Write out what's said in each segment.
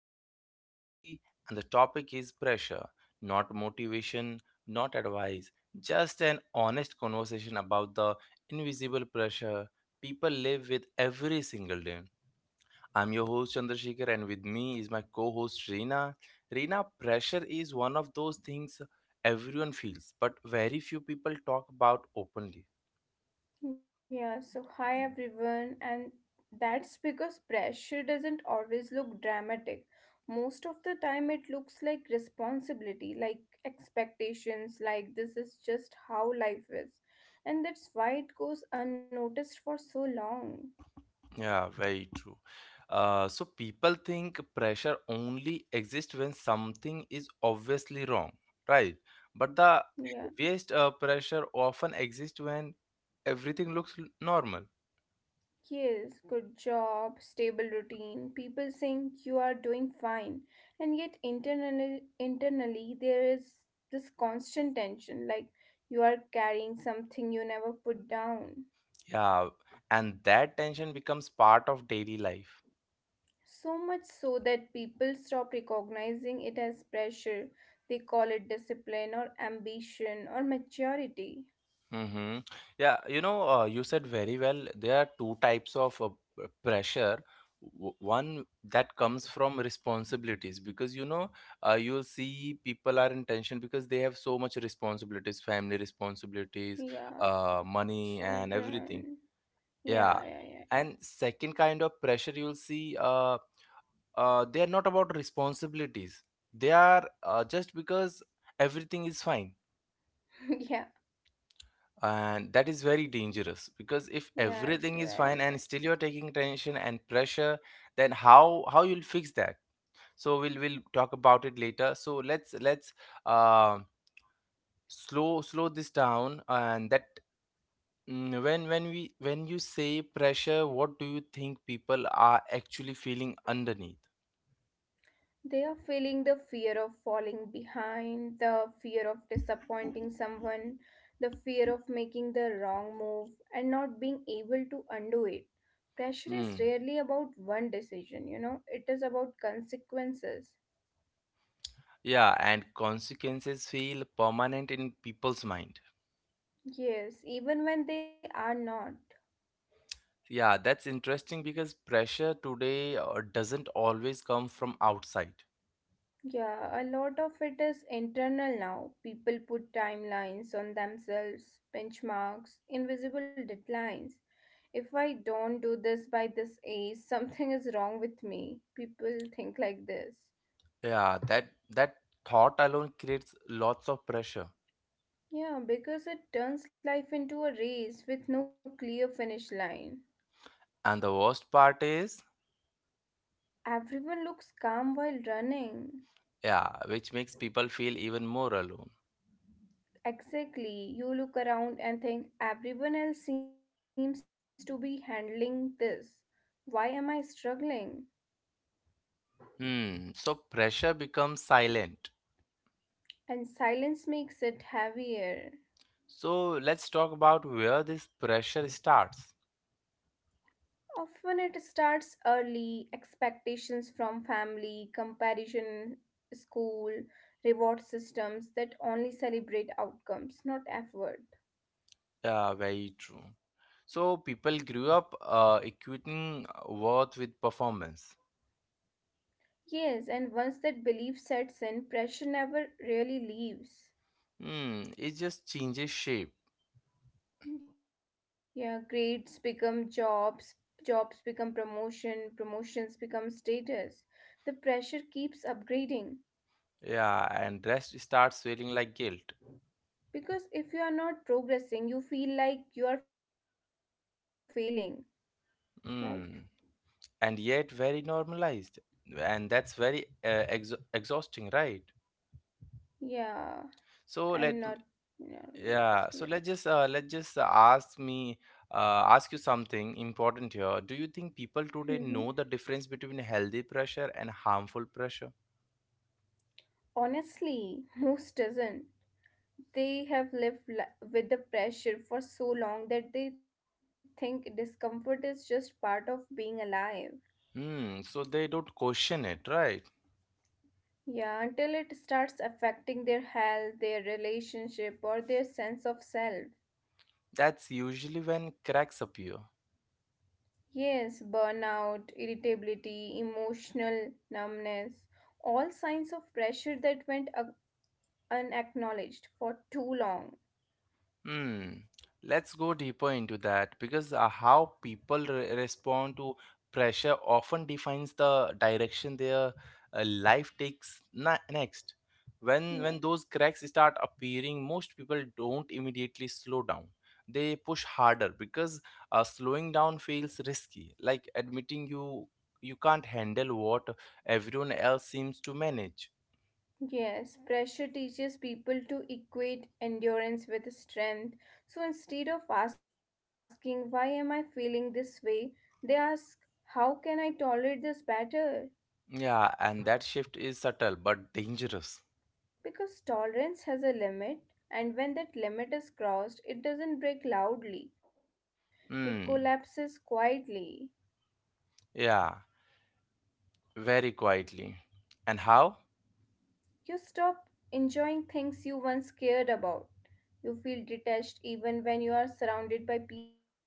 society, and the topic is pressure, not motivation, not advice, just an honest conversation about the invisible pressure people live with every single day. I'm your host Chandrasekhar, and with me is my co-host Reena. Reena, pressure is one of those things everyone feels, but very few people talk about openly. Yeah, so hi everyone, and that's because pressure doesn't always look dramatic. Most of the time, it looks like responsibility, like expectations, like this is just how life is, and that's why it goes unnoticed for so long. Yeah, very true. So people think pressure only exists when something is obviously wrong, right? But the Yeah. heaviest pressure often exists when everything looks normal. Yes, good job, stable routine. People think you are doing fine, and yet internally there is this constant tension like you are carrying something you never put down. Yeah, and that tension becomes part of daily life. So much so that people stop recognizing it as pressure. They call it discipline or ambition or maturity. Mm-hmm. Yeah, you said very well. There are two types of pressure. One that comes from responsibilities because you'll see people are in tension because they have so much responsibilities, family responsibilities, Yeah, money, and everything. children. Yeah. Yeah, yeah, yeah. And second kind of pressure you'll see, they are not about responsibilities. They are just because everything is fine, yeah, and that is very dangerous because if yeah, it's everything is fine very and dangerous. still you're taking tension and pressure, then how you'll fix that. So we'll talk about it later. So let's uh, slow this down. And that when you say pressure, what do you think people are actually feeling underneath? They are feeling the fear of falling behind, the fear of disappointing someone, the fear of making the wrong move and not being able to undo it. Pressure is Hmm. rarely about one decision, you know, it is about consequences. Yeah, and consequences feel permanent in people's mind. Yes, even when they are not. Yeah, that's interesting because pressure today doesn't always come from outside. Yeah, a lot of it is internal now. People put timelines on themselves, benchmarks, invisible deadlines. If I don't do this by this age, something is wrong with me. People think like this. Yeah, that thought alone creates lots of pressure. Yeah, because it turns life into a race with no clear finish line. And the worst part is, Everyone looks calm while running. yeah, which makes people feel even more alone. Exactly, you look around and think everyone else seems to be handling this. Why am I struggling? Hmm, so pressure becomes silent. And silence makes it heavier. So let's talk about where this pressure starts. Often it starts early, expectations from family, comparison, school, reward systems that only celebrate outcomes, not effort. Yeah, very true. So people grew up equating worth with performance. Yes, and once that belief sets in, pressure never really leaves. Hmm, it just changes shape. Yeah, grades become jobs, jobs become promotion, promotions become status. The pressure keeps upgrading. Yeah, and rest starts feeling like guilt. Because if you are not progressing, you feel like you are failing, right? Mm. And yet very normalized. And that's very ex exhausting, right? Yeah, So let m- and not yeah, so normalized. Yeah. let's just ask me ask you something important here. Do you think people today know the hmm difference between healthy pressure and harmful pressure? Honestly, most doesn't. They have with the pressure for so long that they think discomfort is just part of being alive. Hmm, so they don't question it, right? Yeah, until it starts affecting their health, their relationship, or their sense of self. That's usually when cracks appear. Yes, burnout, irritability, emotional numbness, all signs of pressure that unacknowledged for too long. Hmm. Let's go deeper into that because how people respond to pressure often defines the direction their life takes next. When those Yeah. cracks start appearing, most people don't immediately slow down. They push harder because slowing down feels risky, like admitting you can't handle what everyone else seems to manage. Yes, pressure teaches people to equate endurance with strength. So instead of asking, why am I feeling this way, they ask, how can I tolerate this better? Yeah, and that shift is subtle but dangerous. Because tolerance has a limit, and when that limit is crossed, it doesn't break loudly, it Hmm. collapses quietly. Yeah. Very quietly. And how? You stop enjoying things you once cared about. You feel detached even when you are surrounded by people.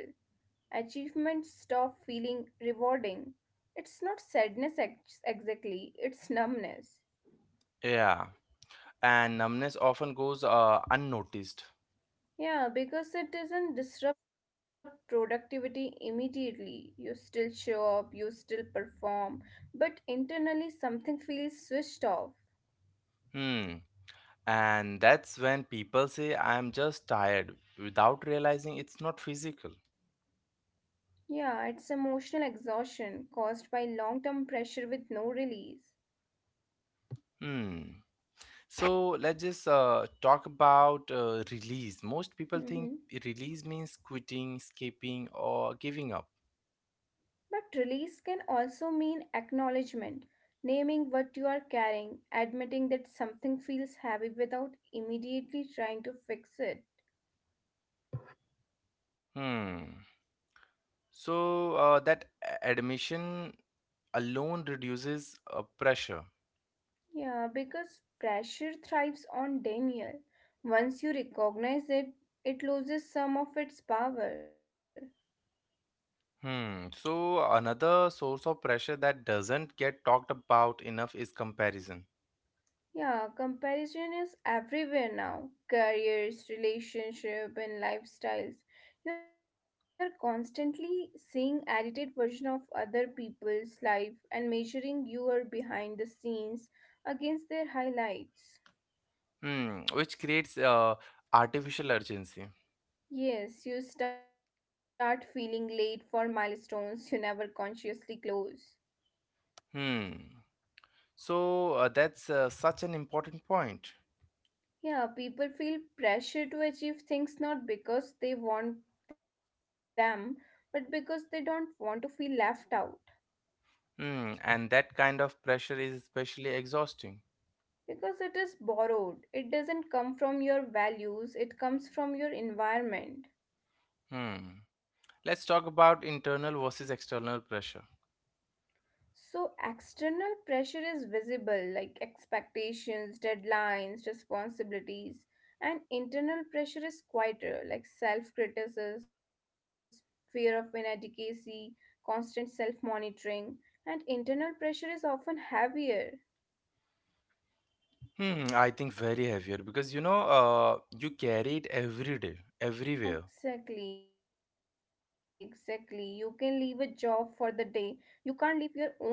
Achievements stop feeling rewarding. It's not exactly, it's numbness. Yeah. And numbness often goes unnoticed. Yeah, because it doesn't disrupt productivity immediately. You still show up, you still perform, but internally something feels switched off. Hmm. And that's when people say, I'm just tired, without realizing it's not physical. Yeah, it's emotional exhaustion caused by long term pressure with no release. Hmm. So let's just talk about release. Most people think hmm release means quitting, skipping, or giving up. But release can also mean acknowledgement, naming what you are carrying, admitting that something feels heavy without immediately trying to fix it. Hmm. So that admission alone reduces pressure. Yeah, because pressure thrives on denial. Once you recognize it, it loses some of its power. Hmm. So another source of pressure that doesn't get talked about enough is comparison. Yeah, comparison is everywhere now. Careers, relationship, and lifestyles. You are constantly seeing edited version of other people's life and measuring your behind the scenes against their highlights. Hmm. Which creates artificial urgency. Yes, you start feeling late for milestones you never consciously close. Hmm. So that's such an important point. Yeah, people feel pressure to achieve things not because they want them, but because they don't want to feel left out. Hmm. And that kind of pressure is especially exhausting. Because it is borrowed. It doesn't come from your values, it comes from your environment. Hmm. Let's talk about internal versus external pressure. So, external pressure is visible, like expectations, deadlines, responsibilities, and internal pressure is quieter, like self criticism, fear of inadequacy, constant self monitoring, and internal pressure is often heavier. Hmm. I think very heavier because you carry it every day, everywhere. Exactly, exactly. You can leave a job for the day, you can't leave your own thoughts.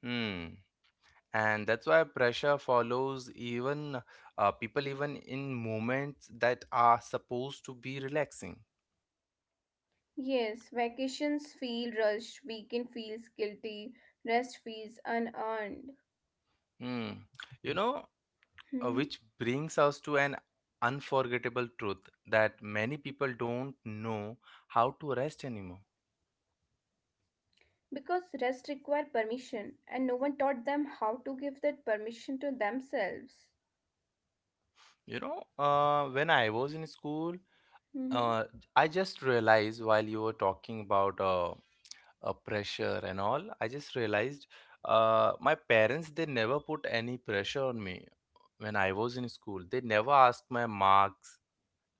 Hmm, and that's why pressure follows even people even in moments that are supposed to be relaxing. Yes, vacations feel rushed, weekend feels guilty, rest feels unearned. Hmm. you know Hmm. which brings us to an unforgettable truth that many people don't know how to rest anymore. Because rest require permission, and no one taught them how to give that permission to themselves. When I was in school, hmm uh, I just realized while you were talking about pressure and all. I just realized my parents, they never put any pressure on me. When I was in school, they never asked my marks,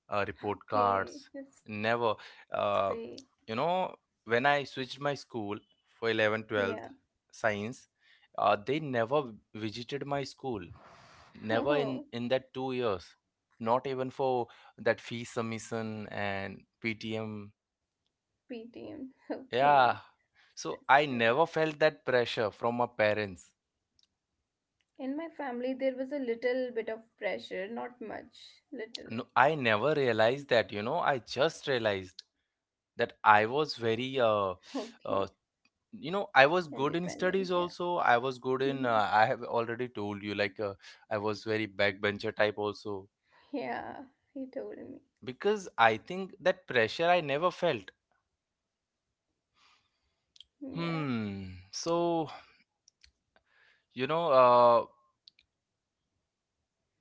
report Okay, cards, that's great. never. Uh, you know, when I switched my school for 11th, Yeah. 12th, science, they never visited my school, never in, Oh, in that 2 years, not even for that fee submission and PTM. PTM. Okay, Yeah. that's So great. I never felt that pressure from my parents. In my family, there was a little bit of pressure, not much, little. No, I never realized that. You know, I just realized that I was Okay, very, uh, you know, I was good in independent. Yeah. studies also. I was good hmm in, I have already told you, like, I was very backbencher type also. Yeah, he told me. Because I think that pressure I never felt. Yeah. Hmm. So, you know, uh,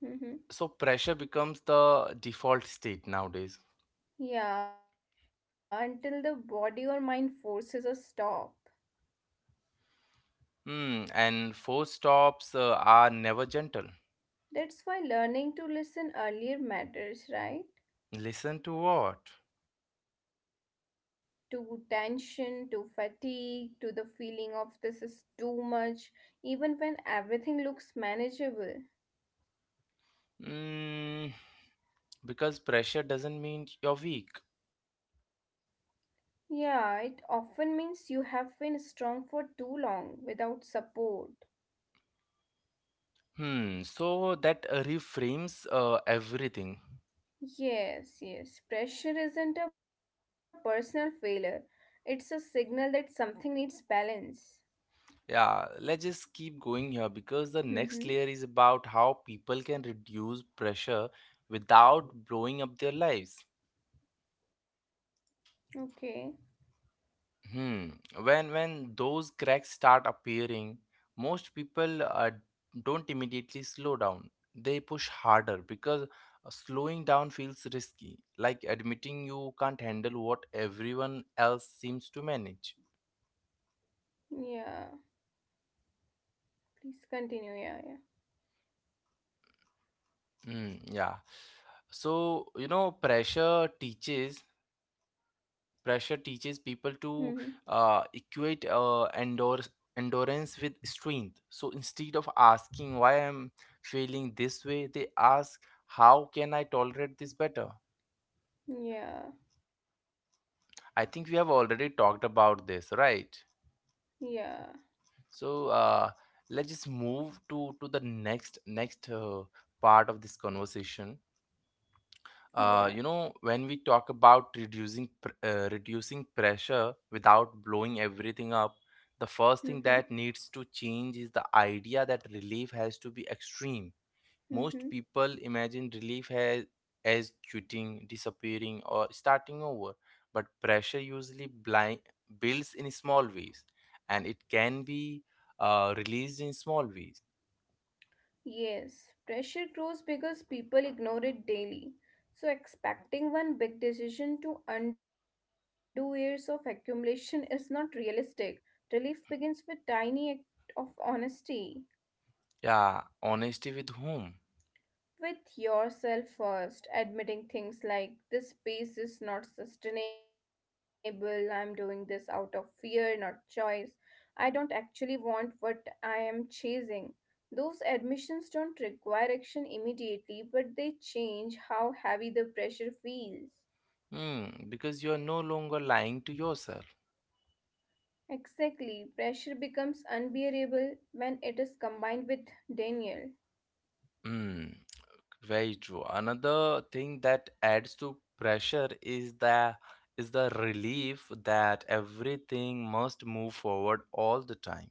hmm so pressure becomes the default state nowadays. Yeah, until the body or mind forces a stop. Hmm. And force stops, are never gentle. That's why learning to listen earlier matters, right? Listen to what? To tension, to fatigue, to the feeling of this is too much, even when everything looks manageable. Mm, because pressure doesn't mean you're weak. Yeah, it often means you have been strong for too long without support. Hmm. So that reframes everything. Yes, yes, pressure isn't a personal failure, it's a signal that something needs balance. Yeah, let's just keep going here because the next layer is about how people can reduce pressure without blowing up their lives. Okay. Hmm. When those cracks start appearing, most people don't immediately slow down. They push harder because slowing down feels risky, like admitting you can't handle what everyone else seems to manage. Yeah. Please continue. Yeah. Yeah. Hmm, yeah. So, you know, pressure Mm-hmm. teaches people to equate endurance with strength. So instead of asking why I'm feeling this way, they ask, how can I tolerate this better? Yeah. I think we have already talked about this, right? Yeah. So let's just move to the next part of this conversation. Yeah. When we talk about reducing reducing pressure without blowing everything up, the first Mm-hmm. thing that needs to change is the idea that relief has to be extreme. Mm-hmm. Most people imagine relief as quitting, disappearing, or starting over. But pressure usually builds in small ways, and it can be released in small ways. Yes. Pressure grows because people ignore it daily. So expecting one big decision to undo years of accumulation is not realistic. Relief begins with tiny act of honesty. Yeah, honesty with whom? With yourself first, admitting things like this space is not sustainable, I'm doing this out of fear, not choice, I don't actually want what I am chasing. Those admissions don't require action immediately, but they change how heavy the pressure feels. Hmm, because you are no longer lying to yourself. Exactly, pressure becomes unbearable when it is combined with denial. Mm, very true. Another thing that adds to pressure is the relief that everything must move forward all the time.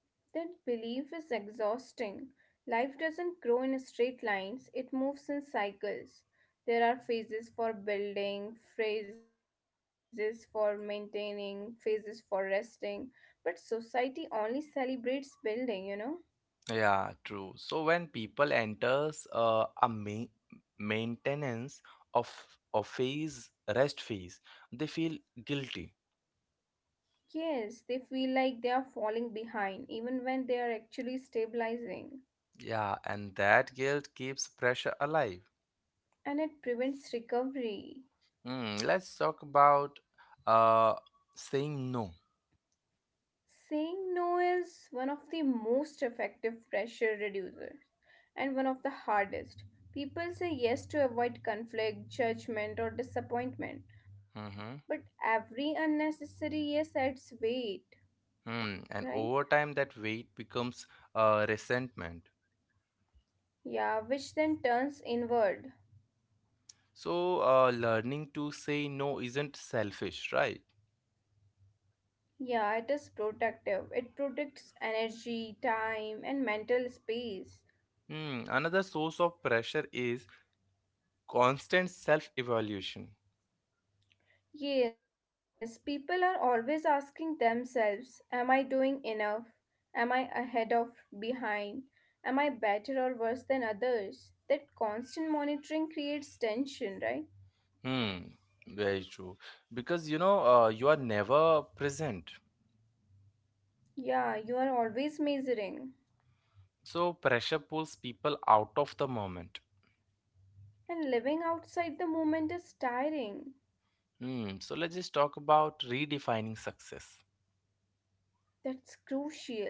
That belief is exhausting. Life doesn't grow in straight lines, it moves in cycles. There are phases for building, phases for maintaining, phases for resting, but society only celebrates building, you know? Yeah, true. So when people enters a ma- maintenance of of phase rest phase, they feel guilty. Yes, they feel like they are falling behind even when they are actually stabilizing, Yeah, and that guilt keeps pressure alive. and it prevents recovery. Hmm. Let's talk about uh, saying no. Saying no is one of the most effective pressure reducer, and one of the hardest. People say yes to avoid conflict, judgment, or disappointment, Mm-hmm. but every unnecessary yes adds weight, Hmm, and right? over time, that weight becomes resentment. Yeah, which then turns inward. So, learning to say no isn't selfish, right? Yeah, it is protective. It protects energy, time, and mental space. Hmm, another source of pressure is constant self evaluation. Yes, people are always asking themselves, am I doing enough? Am I ahead of behind? Am I better or worse than others? That constant monitoring creates tension, right? Hmm, very true. Because you are never present. Yeah, you are always measuring. So, pressure pulls people out of the moment. And living outside the moment is tiring. Hmm, so, let's just talk about redefining success. That's crucial.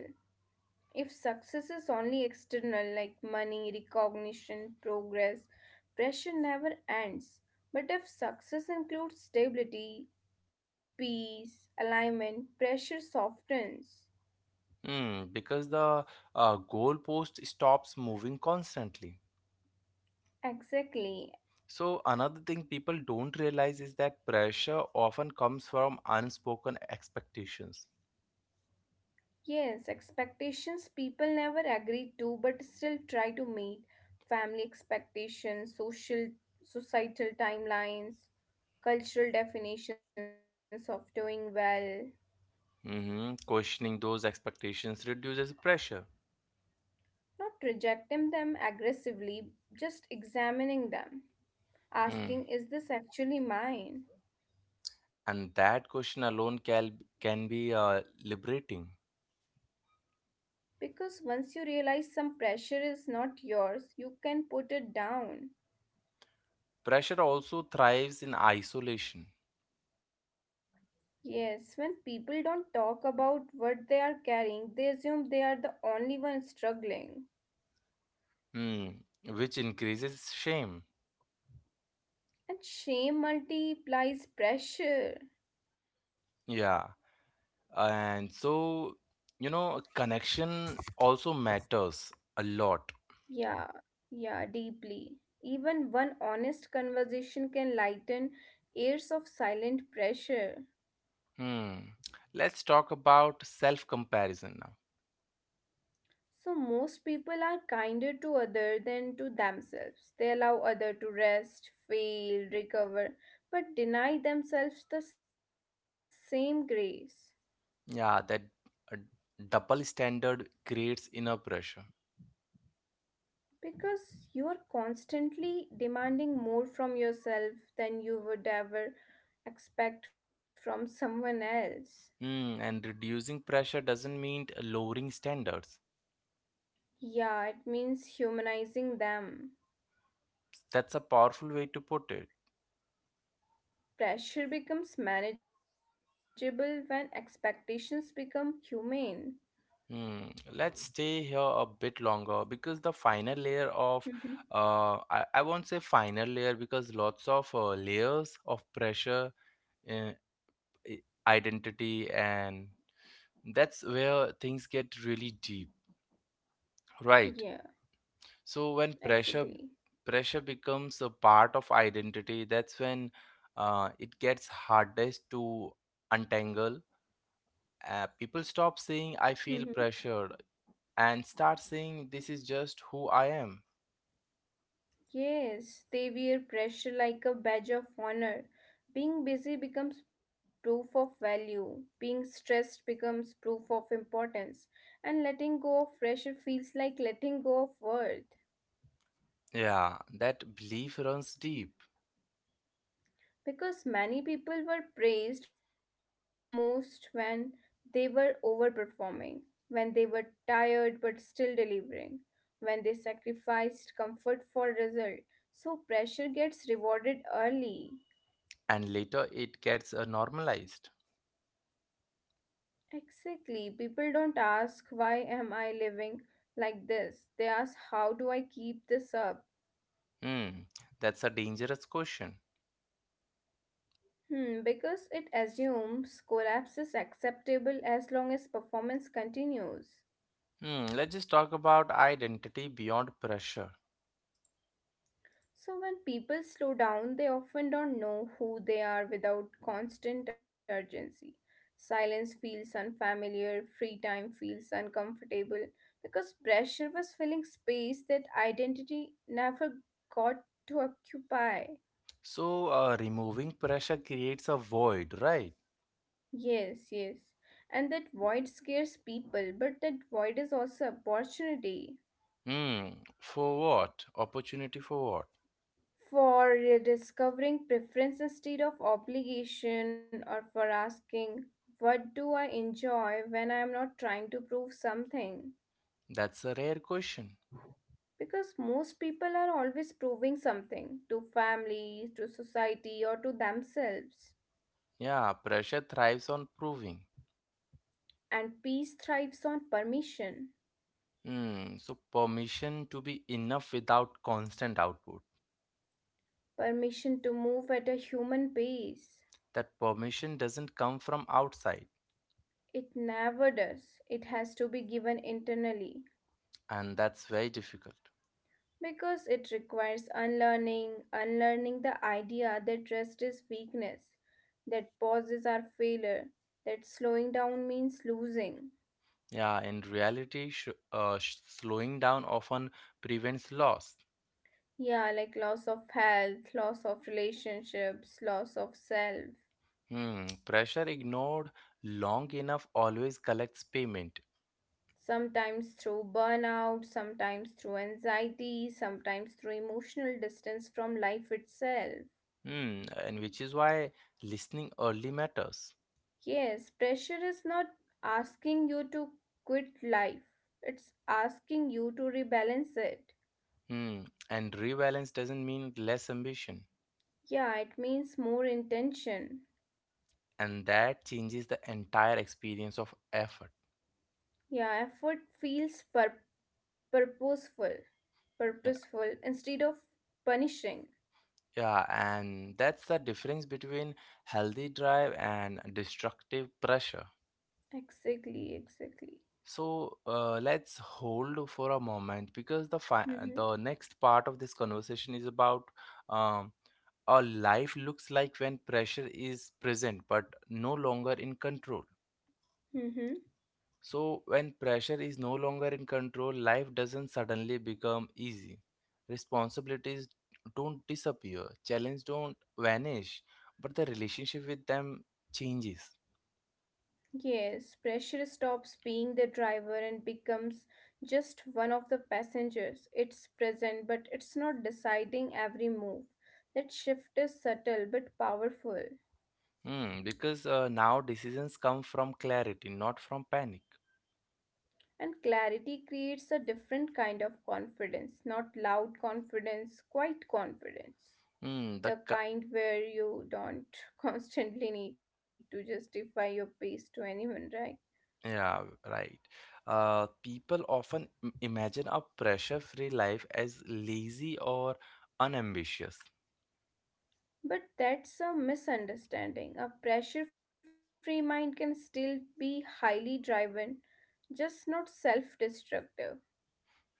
If success is only external, like money, recognition, progress, pressure never ends. But if success includes stability, peace, alignment, pressure softens. Hmm, because the goalpost stops moving constantly. Exactly. So, another thing people don't realize is that pressure often comes from unspoken expectations. Yes, expectations people never agree to but still try to meet family expectations, social societal timelines, cultural definitions of doing well. Hmm. Questioning those expectations reduces pressure. Not rejecting them aggressively, just examining them, Mm. asking, is this actually mine? And that question alone can be liberating. Because once you realize some pressure is not yours, you can put it down. Pressure also thrives in isolation, Yes, when people don't talk about what they are carrying, they assume they are the only one struggling. mm, which increases shame. And shame multiplies pressure. Yeah. And so, you know, connection also matters a lot. Yeah, yeah, deeply. Even one honest conversation can lighten years of silent pressure. Hmm. Let's talk about self comparison now. So most people are kinder to other than to themselves. They allow other to rest, fail, recover, but deny themselves the same grace Yeah, that uh, double standard creates inner pressure. because you are constantly demanding more from yourself than you would ever expect from someone else. Mm, and reducing pressure doesn't mean lowering standards. Yeah, it means humanizing them. That's a powerful way to put it. Pressure becomes manageable when expectations become humane. Hmm. Let's stay here a bit longer because the final layer of, Mhm. I won't say final layer because lots of layers of pressure, uh, i- identity, and that's where things get really deep, right? Yeah, So when pressure exactly. pressure becomes a part of identity, that's when it gets hardest to untangle. People stop saying I feel pressured and start saying this is just who I am. Yes, they wear pressure like a badge of honor. Being busy becomes proof of value, being stressed becomes proof of importance, and letting go of pressure feels like letting go of worth. Yeah, that belief runs deep, Because many people were praised most when they were overperforming, when they were tired but still delivering, when they sacrificed comfort for result. So pressure gets rewarded early. and later it gets normalized. Exactly. People don't ask why am I living like this. They ask how do I keep this up? Hmm, that's a dangerous question. Hmm, because it assumes collapse is acceptable as long as performance continues. Hmm, let's just talk about identity beyond pressure. So when people slow down, they often don't know who they are without constant urgency. Silence feels unfamiliar, free time feels uncomfortable because pressure was filling space that identity never got to occupy. So, removing pressure creates a void, right? Yes, yes. And that void scares people, but that void is also opportunity Hmm, for what? Opportunity for what? for rediscovering preference instead of obligation or for asking, what do I enjoy when I am not trying to prove something? That's a rare question. Because most people are always proving something to family, to society, or to themselves. Yeah, pressure thrives on proving. And peace thrives on permission, Hmm, so permission to be enough without constant output. permission to move at a human pace. That permission doesn't come from outside, It never does. It has to be given internally and that's very difficult. because it requires unlearning, unlearning the idea that trust is weakness, that pauses are failure, that slowing down means losing. Yeah, in reality, slowing down often prevents loss. Yeah, like loss of health, loss of relationships, loss of self. Hmm, pressure ignored long enough always collects payment. Sometimes through burnout, sometimes through anxiety, sometimes through emotional distance from life itself. Hmm, and which is why listening early matters. Yes, pressure is not asking you to quit life. It's asking you to rebalance it. Hmm. And rebalance doesn't mean less ambition, Yeah, it means more intention. and that changes the entire experience of effort. Yeah, purposeful, Yeah, purposeful instead of punishing. yeah, and that's the difference between healthy drive and destructive pressure. Exactly, exactly. So let's hold for a moment because the next part of this conversation is about um, a life looks like when pressure is present but no longer in control. Mm-hmm. So, when pressure is no longer in control, life doesn't suddenly become easy. Responsibilities don't disappear, challenges don't vanish, but the relationship with them changes. Yes, pressure stops being the driver and becomes just one of the passengers. It's present, but it's not deciding every move. That shift is subtle but powerful. Hmm, because now decisions come from clarity, not from panic. And clarity creates a different kind of confidence, not loud confidence, quiet confidence. Hmm, The kind where you don't constantly need to justify your pace to anyone, right? yeah, right. People often imagine a pressure-free life as lazy or unambitious. But that's a misunderstanding. A pressure free mind can still be highly driven, just not self destructive.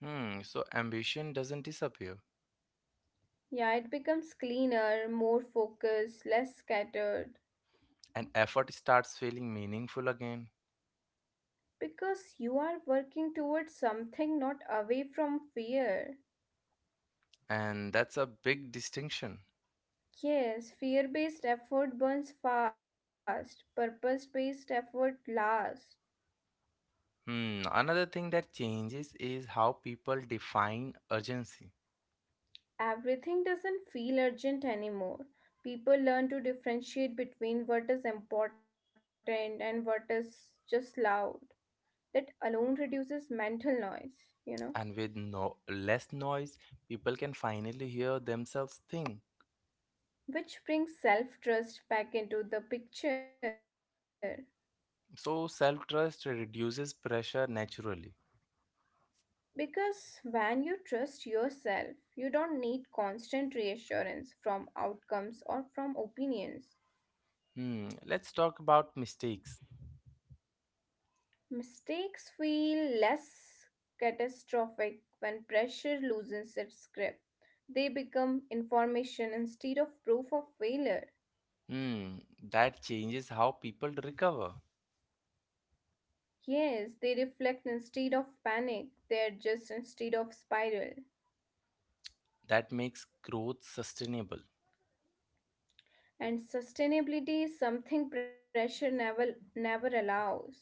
Hmm, so ambition doesn't disappear Yeah, it becomes cleaner, more focused, less scattered, and effort starts feeling meaningful again. because you are working towards something, not away from fear. And that's a big distinction. Yes, fear based effort burns fast, purpose based effort lasts. Hmm, another thing that changes is how people define urgency. Everything doesn't feel urgent anymore. People learn to differentiate between what is important and what is just loud. That alone reduces mental noise, you know, And with no less noise, people can finally hear themselves think. which brings self trust back into the picture. So self-trust reduces pressure naturally. Because when you trust yourself, you don't need constant reassurance from outcomes or from opinions. Hmm, let's talk about mistakes. Mistakes feel less catastrophic when pressure loosens its grip. They become information instead of proof of failure. Hmm, that changes how people recover. Yes, they reflect instead of panic, they adjust instead of spiral. That makes growth sustainable. And sustainability is something pressure never allows.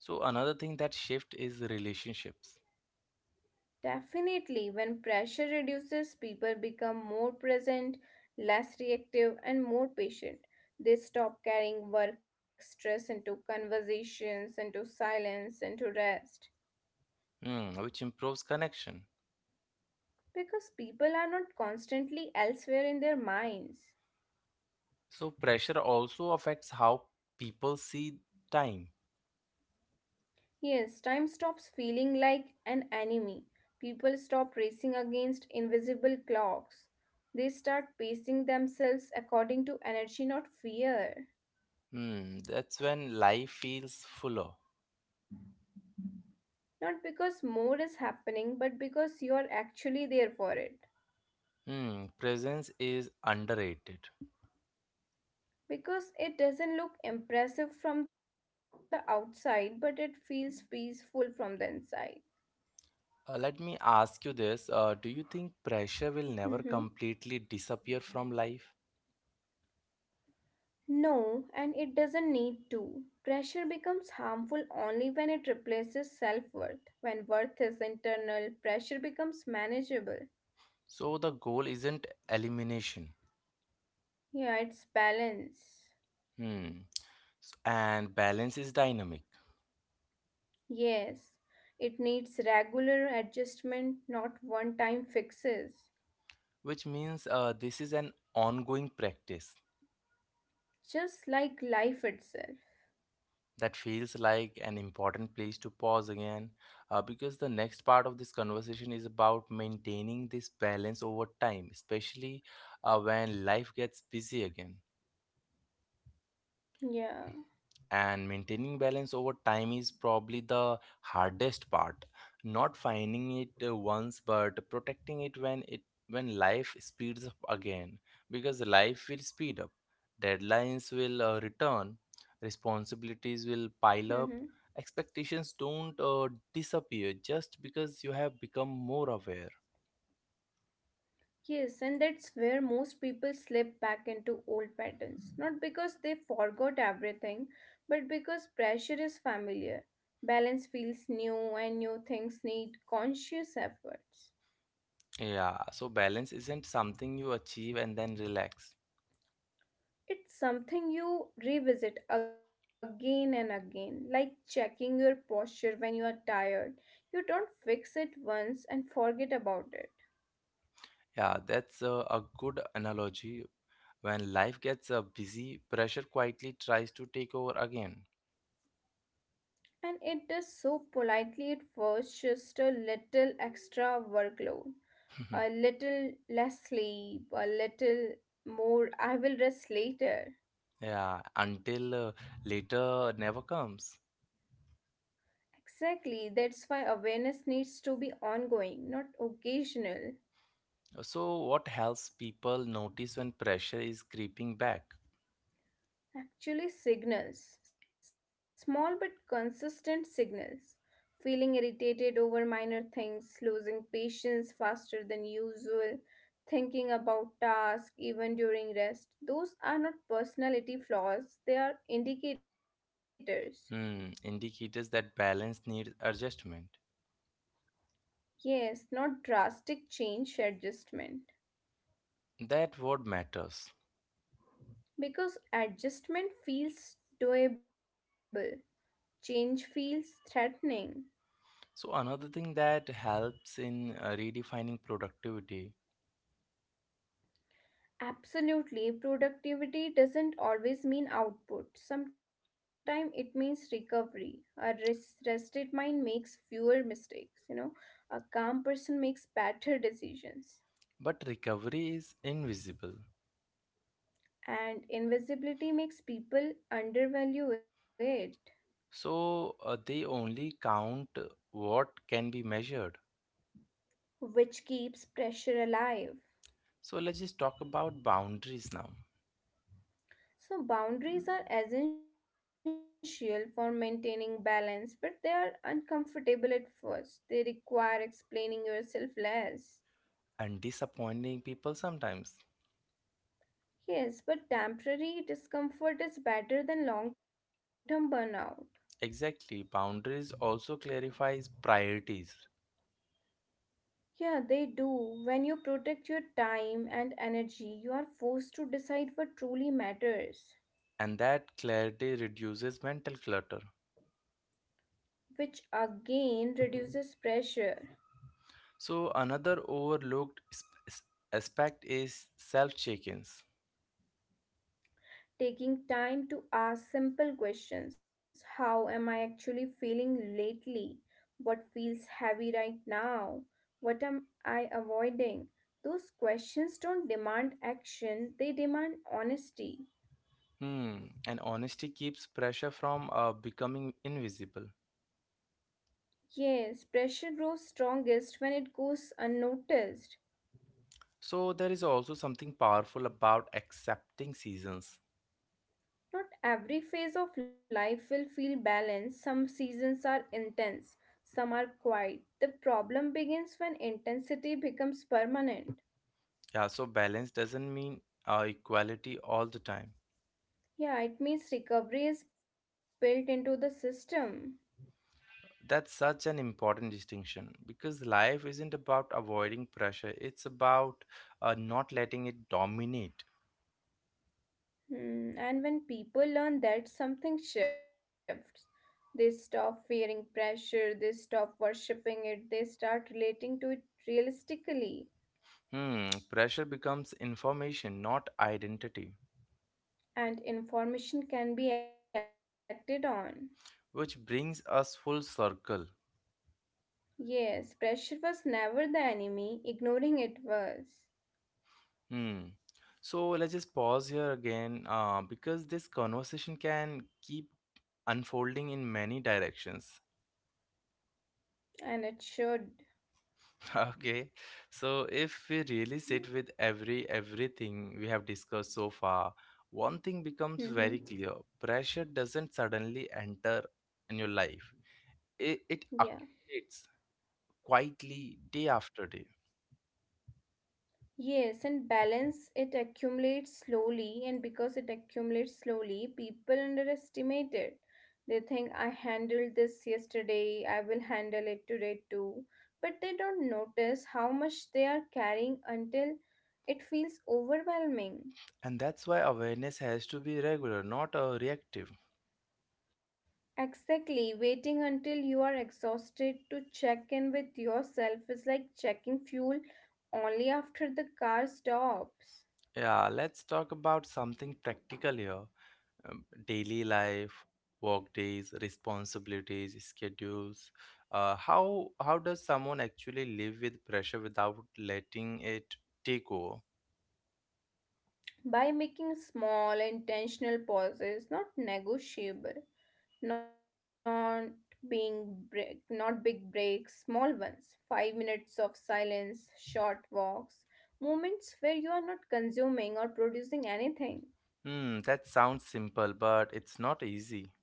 So another thing that shift is relationships. Definitely, when pressure reduces, people become more present, less reactive, and more patient. They stop carrying work stress into conversations, into silence, into rest. Hmm, which improves connection. Because people are not constantly elsewhere in their minds. So pressure also affects how people see time. Yes, time stops feeling like an enemy. People stop racing against invisible clocks. They start pacing themselves according to energy, not fear. Hmm, that's when life feels fuller. Not because more is happening, but because you are actually there for it. Hmm, presence is underrated. Because it doesn't look impressive from the outside, but it feels peaceful from the inside. Let me ask you this. Do you think pressure Mhm. will never completely disappear from life? No, and it doesn't need to. Pressure becomes harmful only when it replaces self worth. When worth is internal, pressure becomes manageable. So the goal isn't elimination. Yeah, it's balance. Hmm. And balance is dynamic, Yes, it needs regular adjustment, not one time fixes. which means this is an ongoing practice. Just like life itself. That feels like an important place to pause again because the next part of this conversation is about maintaining this balance over time, especially when life gets busy again. Yeah. And maintaining balance over time is probably the hardest part, not finding it once but protecting it when it, when life speeds up again, because life will speed up, deadlines will return, responsibilities will Hmm. pile up, expectations don't disappear just because you have become more aware. Yes, and that's where most people slip back into old patterns. Not because they forgot everything, but because pressure is familiar. Balance feels new, and new things need conscious efforts. Yeah, so balance isn't something you achieve and then relax. It's something you revisit again and again, like checking your posture when you are tired. You don't fix it once and forget about it. Yeah, that's a good analogy. When life gets busy, pressure quietly tries to take over again. And it does so politely at first, just a little extra workload, a little less sleep, a little more I will rest later. Yeah, until later never comes. Exactly, that's why awareness needs to be ongoing, not occasional. So, what helps people notice when pressure is creeping back? Actually, signals, small but consistent signals. Feeling irritated over minor things, losing patience faster than usual, thinking about tasks even during rest. Those are not personality flaws, they are indicators. Hmm, indicators that balance needs adjustment. Yes, not drastic change adjustment. That word matters. Because adjustment feels doable, change feels threatening. So, another thing that helps in redefining productivity, Absolutely, productivity doesn't always mean output. Sometimes it means recovery. A rested mind makes fewer mistakes. A calm person makes better decisions. but recovery is invisible. And invisibility makes people undervalue it, So, they only count what can be measured. which keeps pressure alive. So let's just talk about boundaries now, So, boundaries are essential for maintaining balance, but they are uncomfortable at first. They require explaining yourself less. and disappointing people sometimes. Yes, but temporary discomfort is better than long term burnout. Exactly, boundaries also clarifies priorities, Yeah, they do. When you protect your time and energy, you are forced to decide what truly matters, and that clarity reduces mental clutter. which again reduces pressure. So another overlooked aspect is self-check-ins. Taking time to ask simple questions. How am I actually feeling lately? What feels heavy right now? What am I avoiding? Those questions don't demand action, they demand honesty. Hmm, and honesty keeps pressure from becoming invisible. Yes, pressure grows strongest when it goes unnoticed. So there is also something powerful about accepting seasons. Not every phase of life will feel balanced. Some seasons are intense, some are quiet. The problem begins when intensity becomes permanent. Yeah, so balance doesn't mean equality all the time. Yeah, it means recovery is built into the system. That's such an important distinction because life isn't about avoiding pressure, it's about not letting it dominate. Hmm. And when people learn that, something shifts. They stop fearing pressure, they stop worshipping it, they start relating to it realistically. Hmm, pressure becomes information, not identity, And information can be acted on. which brings us full circle. Yes, pressure was never the enemy, ignoring it was, Hmm. So let's just pause here again because this conversation can keep unfolding in many directions. and it should. Okay, so if we really sit with everything we have discussed so far, one thing becomes Mhm. very clear. Pressure doesn't suddenly enter in your life. It Yeah. accumulates quietly day after day. Yes, and balance it accumulates slowly, and because it accumulates slowly, people underestimate it. They think, I handled this yesterday, I will handle it today too. But they don't notice how much they are carrying until it feels overwhelming. And that's why awareness has to be regular, not reactive. Exactly. Waiting until you are exhausted to check in with yourself is like checking fuel only after the car stops. Yeah, let's talk about something practical here. Daily life, work days, responsibilities, schedules, how does someone actually live with pressure without letting it take over? By making small, intentional pauses, not negotiable, not being break, not big breaks, small ones, 5 minutes of silence, short walks, moments where you are not consuming or producing anything. Hmm, that sounds simple but it's not easy.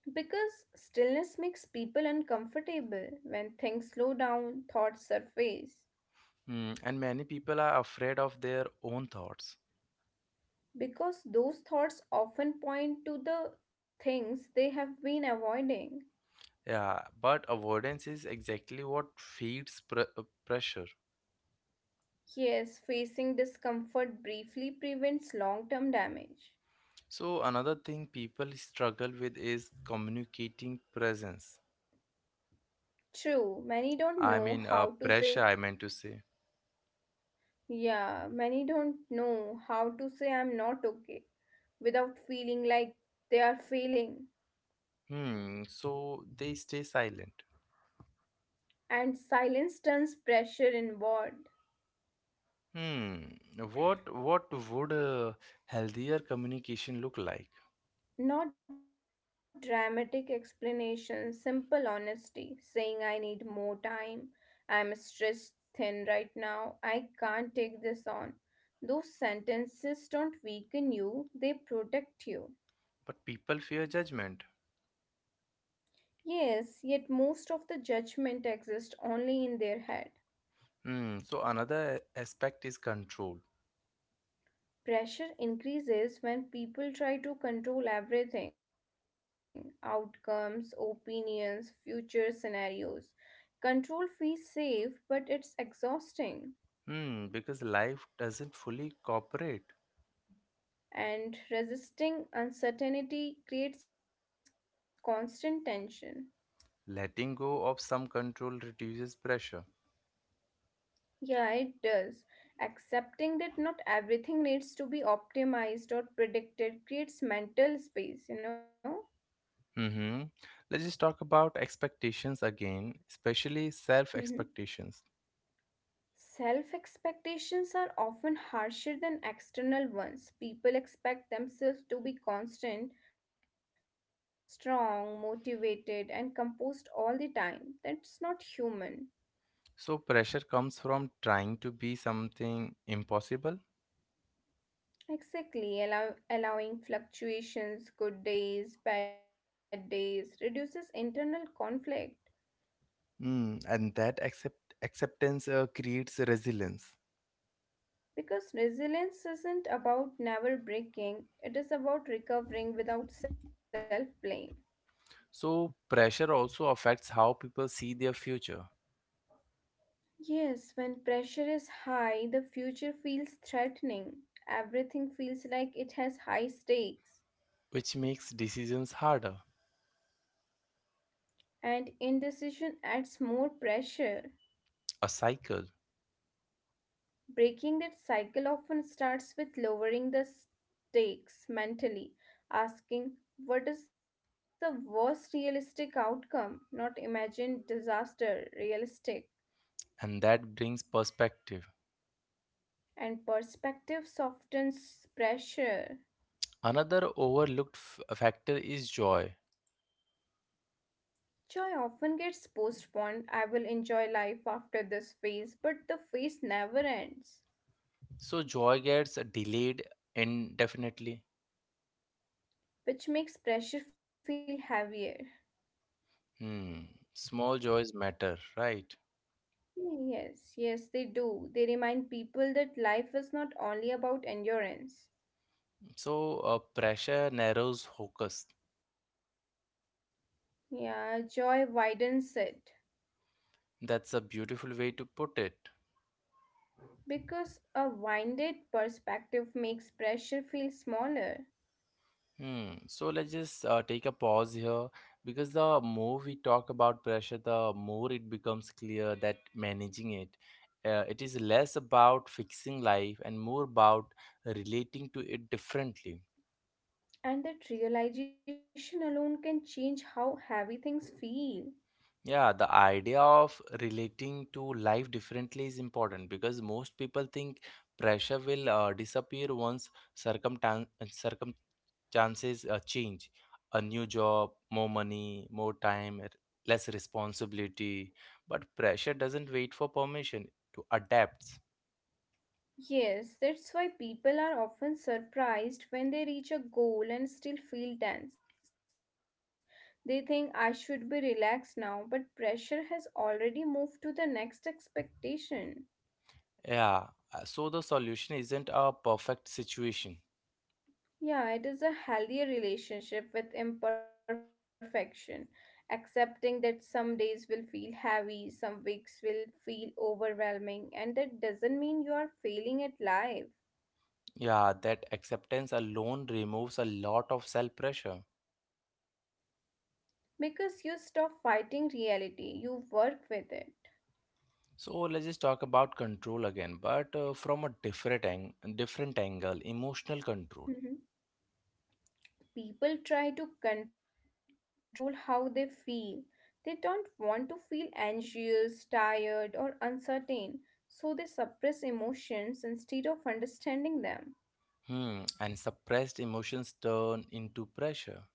Because stillness makes people uncomfortable when things slow down, thoughts surface. Hmm, and many people are afraid of their own thoughts. Because those thoughts often point to the things they have been avoiding. Yeah, but avoidance is exactly what feeds pressure. Yes, facing discomfort briefly prevents long term damage. So another thing people struggle with is communicating presence. True, many don't I know mean how to say, pressure I meant to say. yeah, many don't know how to say I'm not okay without feeling like they are failing. Hmm. So they stay silent. And silence turns pressure inward. Hmm. What would a healthier communication look like? Not dramatic explanations, simple honesty, saying I need more time, I'm stressed thin right now, I can't take this on. Those sentences don't weaken you, they protect you. But people fear judgment. Yes, yet most of the judgment exists only in their head. Hmm. So another aspect is control. Pressure increases when people try to control everything outcomes, opinions, future scenarios. Control feels safe, but it's exhausting. Hmm. Because life doesn't fully cooperate. And resisting uncertainty creates constant tension. Letting go of some control reduces pressure. Yeah, it does. Accepting that not everything needs to be optimized or predicted creates mental space, you know? Mm-hmm. Let's just talk about expectations again, especially self Mhm. expectations. Self expectations are often harsher than external ones. People expect themselves to be constant, strong, motivated, and composed all the time. That's not human. So pressure comes from trying to be something impossible. Exactly, allowing fluctuations, good days, bad days, reduces internal conflict. Mm, and that acceptance creates resilience. Because resilience isn't about never breaking, it is about recovering without self blame. So pressure also affects how people see their future, Yes, when pressure is high, the future feels threatening. Everything feels like it has high stakes, which makes decisions harder, and indecision adds more pressure. a cycle, Breaking that cycle often starts with lowering the stakes mentally, asking, what is the worst realistic outcome? Not imagined disaster, realistic. and that brings perspective. And perspective softens pressure. Another overlooked factor is joy. Joy often gets postponed. I will enjoy life after this phase, but the phase never ends, So joy gets delayed indefinitely. which makes pressure feel heavier. Hmm. Small joys matter, right? Yes, yes, they do. They remind people that life is not only about endurance. So pressure narrows focus. Yeah, joy widens it That's a beautiful way to put it. because a winded perspective makes pressure feel smaller, Hmm. So let's just take a pause here because the more we talk about pressure, the more it becomes clear that managing it, it is less about fixing life and more about relating to it differently. and that realization alone can change how heavy things feel. Yeah, the idea of relating to life differently is important because most people think pressure will disappear once circumstances chances change, a new job, more money, more time, less responsibility, but pressure doesn't wait for permission to adapt. Yes, that's why people are often surprised when they reach a goal and still feel tense. They think I should be relaxed now, but pressure has already moved to the next expectation. Yeah, so the solution isn't a perfect situation. Yeah, it is a healthier relationship with imperfection, accepting that some days will feel heavy, some weeks will feel overwhelming, and that doesn't mean you are failing at life Yeah, that acceptance alone removes a lot of self pressure. because you stop fighting reality, you work with it. So let's just talk about control again but from a different angle, emotional control. Mhm. People try to control how they feel. They don't want to feel anxious, tired, or uncertain, so they suppress emotions instead of understanding them. Hmm, and suppressed emotions turn into pressure.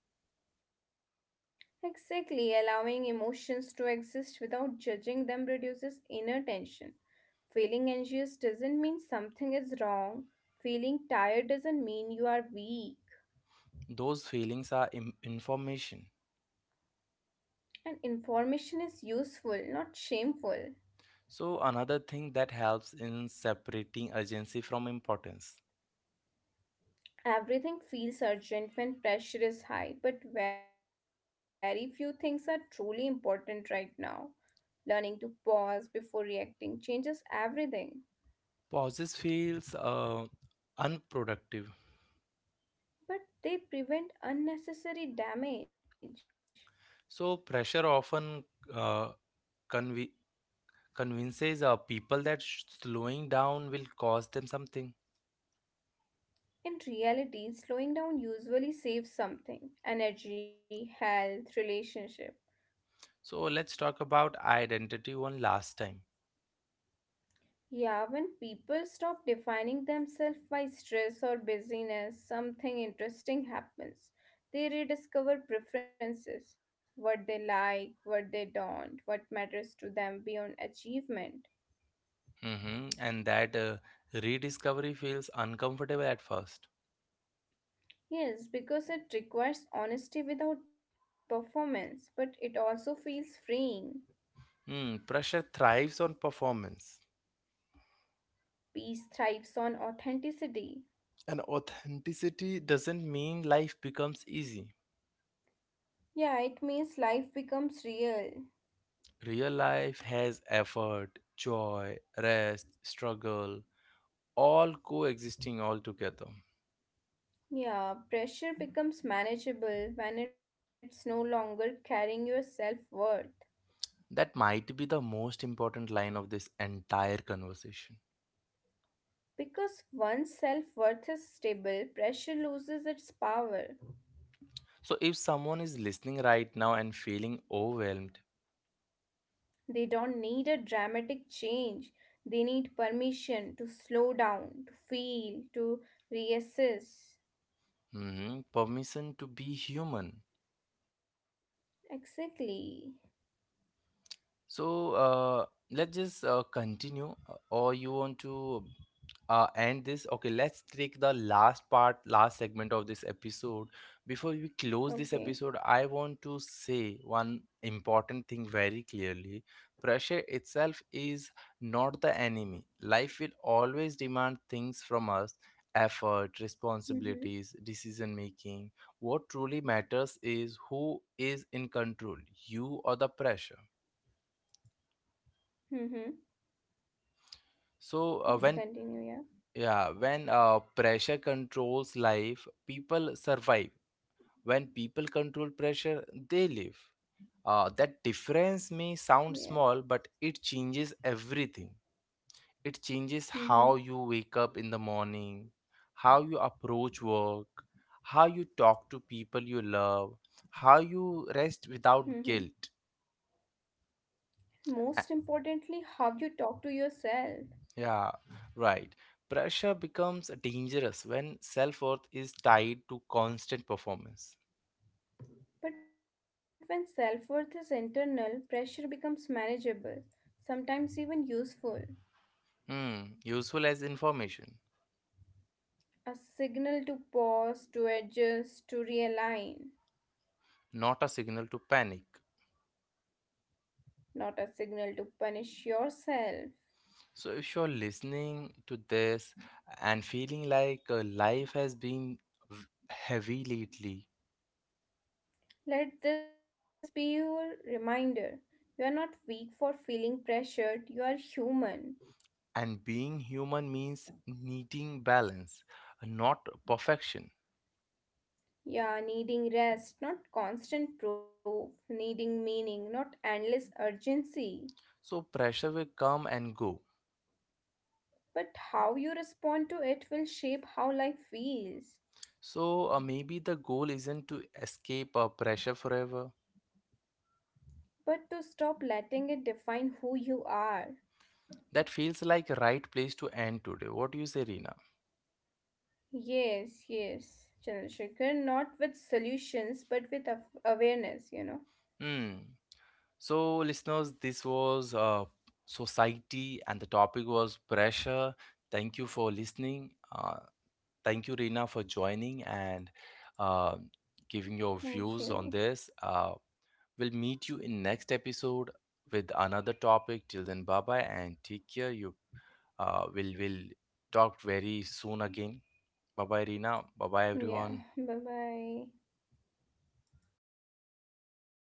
Exactly, allowing emotions to exist without judging them reduces inner tension. Feeling anxious doesn't mean something is wrong. Feeling tired doesn't mean you are weak. Those feelings are information. And information is useful, not shameful. So, another thing that helps in separating urgency from importance. Everything feels urgent when pressure is high, but very few things are truly important right now. Learning to pause before reacting changes everything, Pauses feels unproductive. but they prevent unnecessary damage. So, pressure often uh, conv- convinces people that slowing down will cost them something. In reality, slowing down usually saves something energy, health, relationship. So, let's talk about identity one last time. Yeah, when people stop defining themselves by stress or busyness, something interesting happens. They rediscover preferences, what they like, what they don't, what matters to them beyond achievement. Hmm. And that rediscovery feels uncomfortable at first. Yes, because it requires honesty without performance, but it also feels freeing. Hmm, pressure thrives on performance. Peace thrives on authenticity. And authenticity doesn't mean life becomes easy. Yeah, it means life becomes real. Real life has effort, joy, rest, struggle, all coexisting all together. Yeah, pressure becomes manageable when it's no longer carrying your self worth. That might be the most important line of this entire conversation. Because once self worth is stable, pressure loses its power. So, if someone is listening right now and feeling overwhelmed, They don't need a dramatic change. They need permission to slow down, to feel, to reassess. mhm, permission to be human. Exactly. So let's just continue, or you want to end this? Okay, let's take the last part, last segment of this episode. Before we close this Okay. episode, I want to say one important thing very clearly. Pressure itself is not the enemy. Life will always demand things from us, effort, Mm-hmm. responsibilities, decision making. What truly matters is who is in control, you or the pressure. Mm-hmm. So when Please continue, yeah. Yeah, when pressure controls life, people survive. When people control pressure, they live. That difference may sound Yeah. small, but it changes everything. It changes how you Mm-hmm. wake up in the morning, how you approach work, how you talk to people you love, how you rest without Mm-hmm. guilt. Most importantly, how you talk to yourself. Yeah, right. Pressure becomes dangerous when self worth is tied to constant performance. But when self worth is internal, pressure becomes manageable, sometimes even useful. Hmm, useful as information, A signal to pause, to adjust, to realign, not a signal to panic. not a signal to punish yourself. So, if you're listening to this and feeling like life has been v- heavy lately, Let this be your reminder. You are not weak for feeling pressured, you are human. and being human means needing balance, not perfection. Yeah, needing rest, not constant proof, needing meaning, not endless urgency. So, pressure will come and go. But how you respond to it will shape how life feels. So, maybe the goal isn't to escape pressure forever. But to stop letting it define who you are. That feels like a right place to end today. What do you say, Rina? Yes, yes, Chandrasekhar, not with solutions, but with awareness, Hmm. So, listeners, this was society, and the topic was pressure. Thank you for listening. Thank you, Rina, for joining and uh, giving your Thank views on you. this. We'll meet you in next episode with another topic. Till then, bye bye and take care. You will talk very soon again. Bye bye, Rina. Bye bye, Yeah, everyone. bye bye.